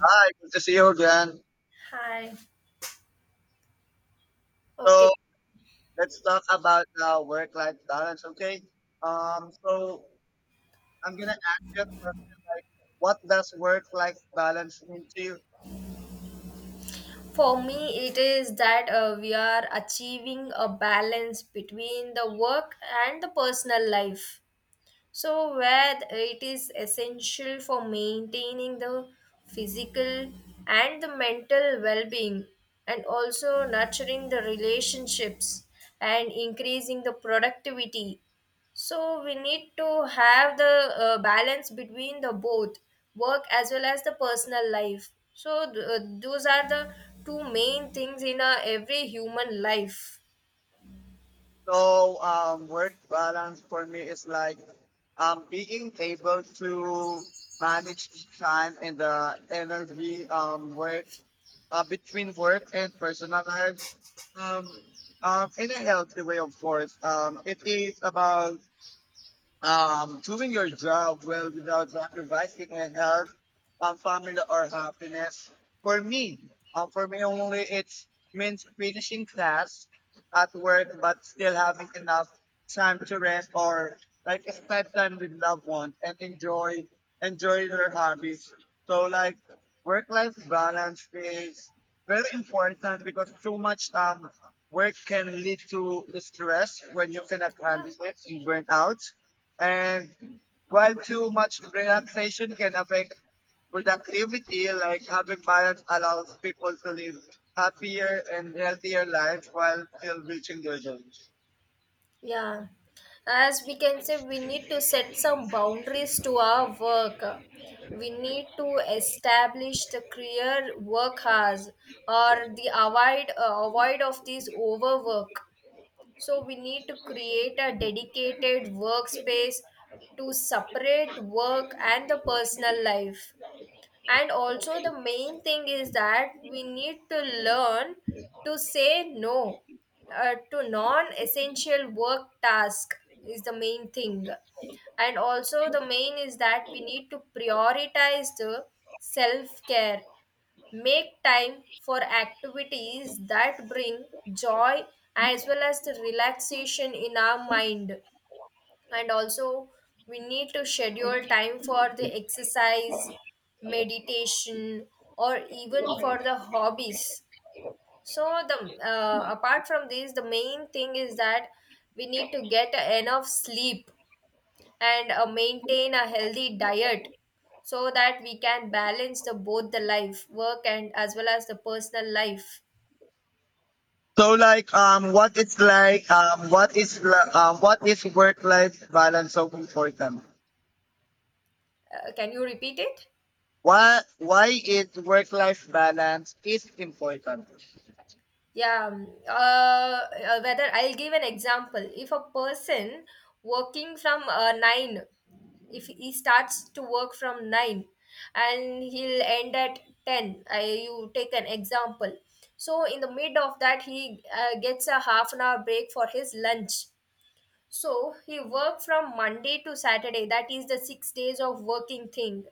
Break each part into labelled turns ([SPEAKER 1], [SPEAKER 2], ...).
[SPEAKER 1] Hi, good to see you again.
[SPEAKER 2] Hi. Okay.
[SPEAKER 1] So let's talk about work-life balance, okay? So I'm gonna ask you a question like, what does work-life balance mean to you?
[SPEAKER 2] For me, it is that we are achieving a balance between the work and the personal life. So, where it is essential for maintaining the physical and the mental well being, and also nurturing the relationships and increasing the productivity. So, we need to have the balance between the both work as well as the personal life. So, those are the two main things in every human life.
[SPEAKER 1] So work balance for me is like being able to manage the time and the energy work between work and personal lives um, in a healthy way, of course. It is about doing your job well without sacrificing your health, family, or happiness. For me only, it's means finishing class at work, but still having enough time to rest or like spend time with loved ones and enjoy their hobbies. So like work-life balance is very important because too much work can lead to stress when you cannot
[SPEAKER 2] Yeah.
[SPEAKER 1] handle it and burn out, and while too much relaxation can affect productivity, like having balance allows people to live happier and healthier lives while still reaching their goals.
[SPEAKER 2] Yeah, as we can say, we need to set some boundaries to our work. We need to establish the clear work hours or the avoid of these overwork. So we need to create a dedicated workspace to separate work and the personal life, and also the main thing is that we need to learn to say no to non-essential work task is the main thing. And also the main is that we need to prioritize the self-care, make time for activities that bring joy as well as the relaxation in our mind, and also we need to schedule time for the exercise, meditation, or even for the hobbies. So the apart from this, the main thing is that we need to get enough sleep and maintain a healthy diet, so that we can balance the both the life work and as well as the personal life.
[SPEAKER 1] So, like, what is like, what is li- what is work-life balance so important?
[SPEAKER 2] Can you repeat it?
[SPEAKER 1] Why is work-life balance is important?
[SPEAKER 2] Yeah. Whether I'll give an example. If a person working from 9, if he starts to work from 9 and he'll end at 10, I, you take an example. So, in the mid of that, he gets a half an hour break for his lunch. So, he work from Monday to Saturday. That is the 6 days of working thing,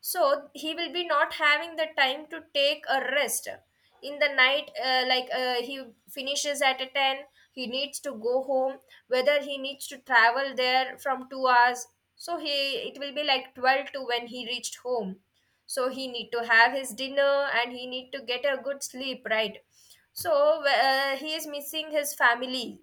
[SPEAKER 2] so he will be not having the time to take a rest in the night, he finishes at a 10. He needs to go home, whether he needs to travel there from 2 hours, so he, it will be like 12 to when he reached home. So he need to have his dinner and he need to get a good sleep, right? So he is missing his family,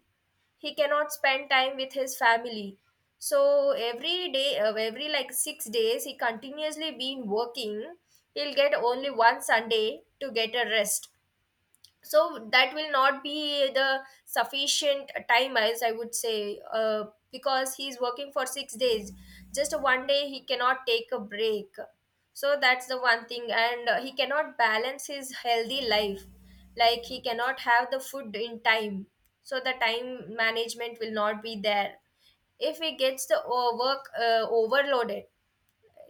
[SPEAKER 2] he cannot spend time with his family. So every day, every like 6 days he continuously been working, he'll get only one sunday to get a rest. So that will not be the sufficient time, as I would say, because he's working for 6 days, just one day he cannot take a break. So that's the one thing, and he cannot balance his healthy life, like he cannot have the food in time. So the time management will not be there. If he gets the work overloaded,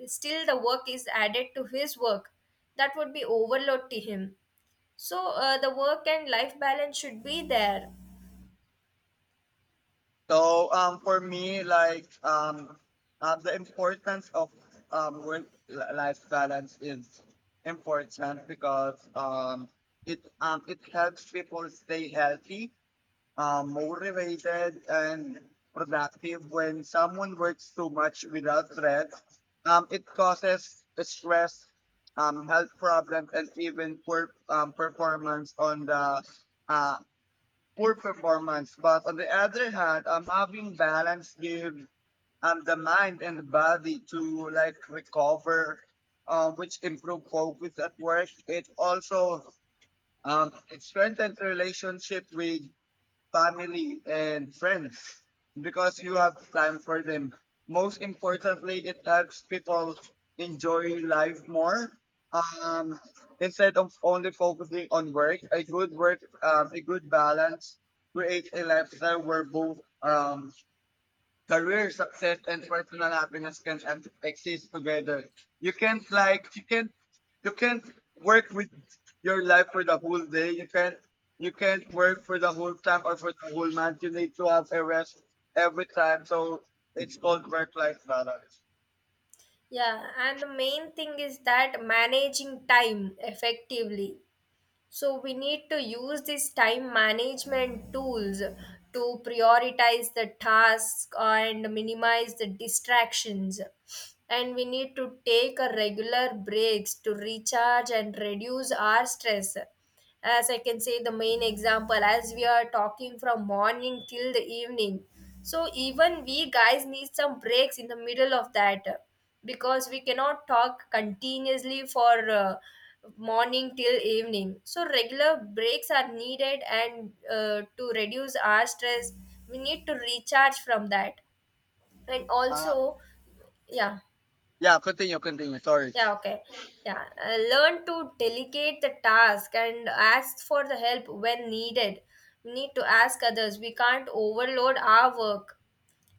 [SPEAKER 2] still the work is added to his work, that would be overload to him. So the work and life balance should be there.
[SPEAKER 1] So for me, like the importance of work-life balance is important because it helps people stay healthy, motivated, and productive. When someone works too much without rest, it causes stress, health problems, and even uh, poor performance. But on the other hand, having balance gives the mind and the body to like recover, which improve focus at work. It also it strengthens relationship with family, and friends because you have time for them. Most importantly, it helps people enjoy life more. Um, Instead of only focusing on work, a good balance creates a lifestyle where both career success and personal happiness can exist together. You can't like, you can't work with your life for the whole day. You can't work for the whole time or for the whole month. You need to have a rest every time. So it's called work life balance.
[SPEAKER 2] Yeah, and the main thing is that managing time effectively. So we need to use these time management tools to prioritize the task and minimize the distractions. And we need to take a regular breaks to recharge and reduce our stress, as I can say, the main example, as we are talking from morning till the evening. So even we guys need some breaks in the middle of that, because we cannot talk continuously for morning till evening. So regular breaks are needed, and to reduce our stress, we need to recharge from that. And
[SPEAKER 1] Uh
[SPEAKER 2] also, yeah.
[SPEAKER 1] yeah, continue, continue. Sorry.
[SPEAKER 2] Yeah, okay. Yeah, learn to delegate the task and ask for the help when needed. We need to ask others. We can't overload our work.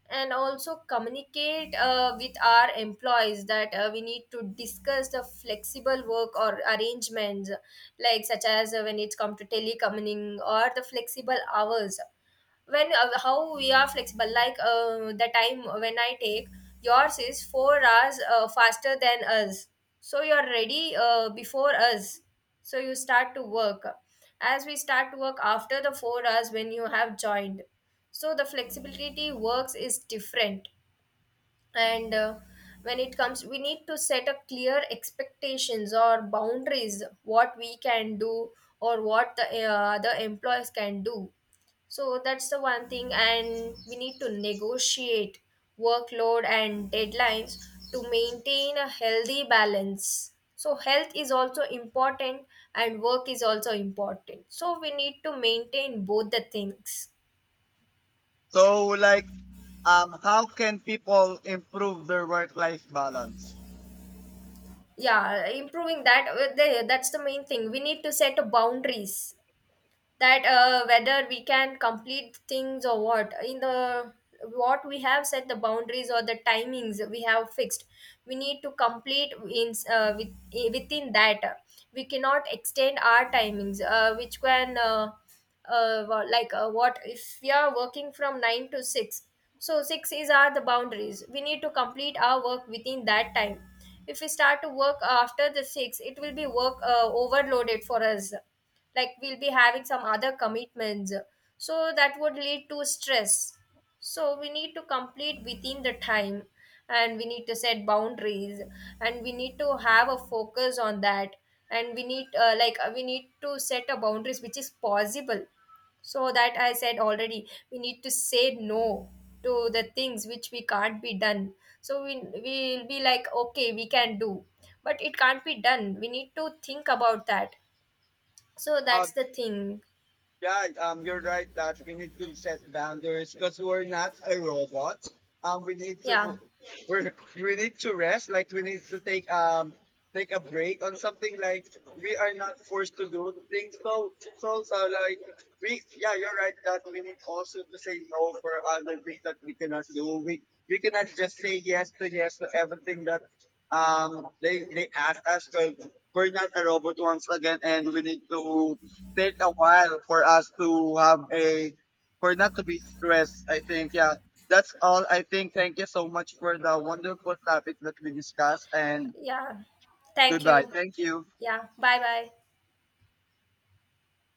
[SPEAKER 2] And also communicate with our employees that we need to discuss the flexible work or arrangements, like such as when it's come to telecommuting or the flexible hours. When how we are flexible, like the time when I take yours is 4 hours faster than us, so you are ready before us, so you start to work, as we start to work after the 4 hours when you have joined. So the flexibility works is different. And when it comes, we need to set up clear expectations or boundaries, what we can do or what the other employees can do. So that's the one thing, and we need to negotiate workload and deadlines to maintain a healthy balance. So, health is also important, and work is also important. So, we need to maintain both the things.
[SPEAKER 1] So like how can people improve their work life balance?
[SPEAKER 2] Yeah, improving that, that's the main thing. We need to set a boundaries, that whether we can complete things or what. In the what we have set the boundaries or the timings we have fixed, we need to complete in within that. We cannot extend our timings, which can what if we are working from 9 to 6? So 6 is are the boundaries, we need to complete our work within that time. If we start to work after the 6, it will be work overloaded for us, like we'll be having some other commitments, so that would lead to stress. So we need to complete within the time, and we need to set boundaries, and we need to have a focus on that. And we need we need to set a boundaries which is possible. So that I said already, we need to say no to the things which we can't be done. So we will be like okay we can do, but it can't be done, we need to think about that. So that's the thing.
[SPEAKER 1] Yeah, you're right that we need to set boundaries because we're not a robot. Um, we need
[SPEAKER 2] Yeah.
[SPEAKER 1] to we're, we need to rest. Like we need to take a break on something. Like we are not forced to do things. So like we yeah, you're right that we need also to say no for other things that we cannot do. We cannot just say yes to yes to everything that um, they ask us. Cause we're not a robot once again, and we need to take a while for us to have a for not to be stressed. I think yeah, that's all. I think thank you so much for the wonderful topic that we discussed and
[SPEAKER 2] Yeah. Thank
[SPEAKER 1] goodbye.
[SPEAKER 2] you.
[SPEAKER 1] Thank you.
[SPEAKER 2] Yeah. Bye bye.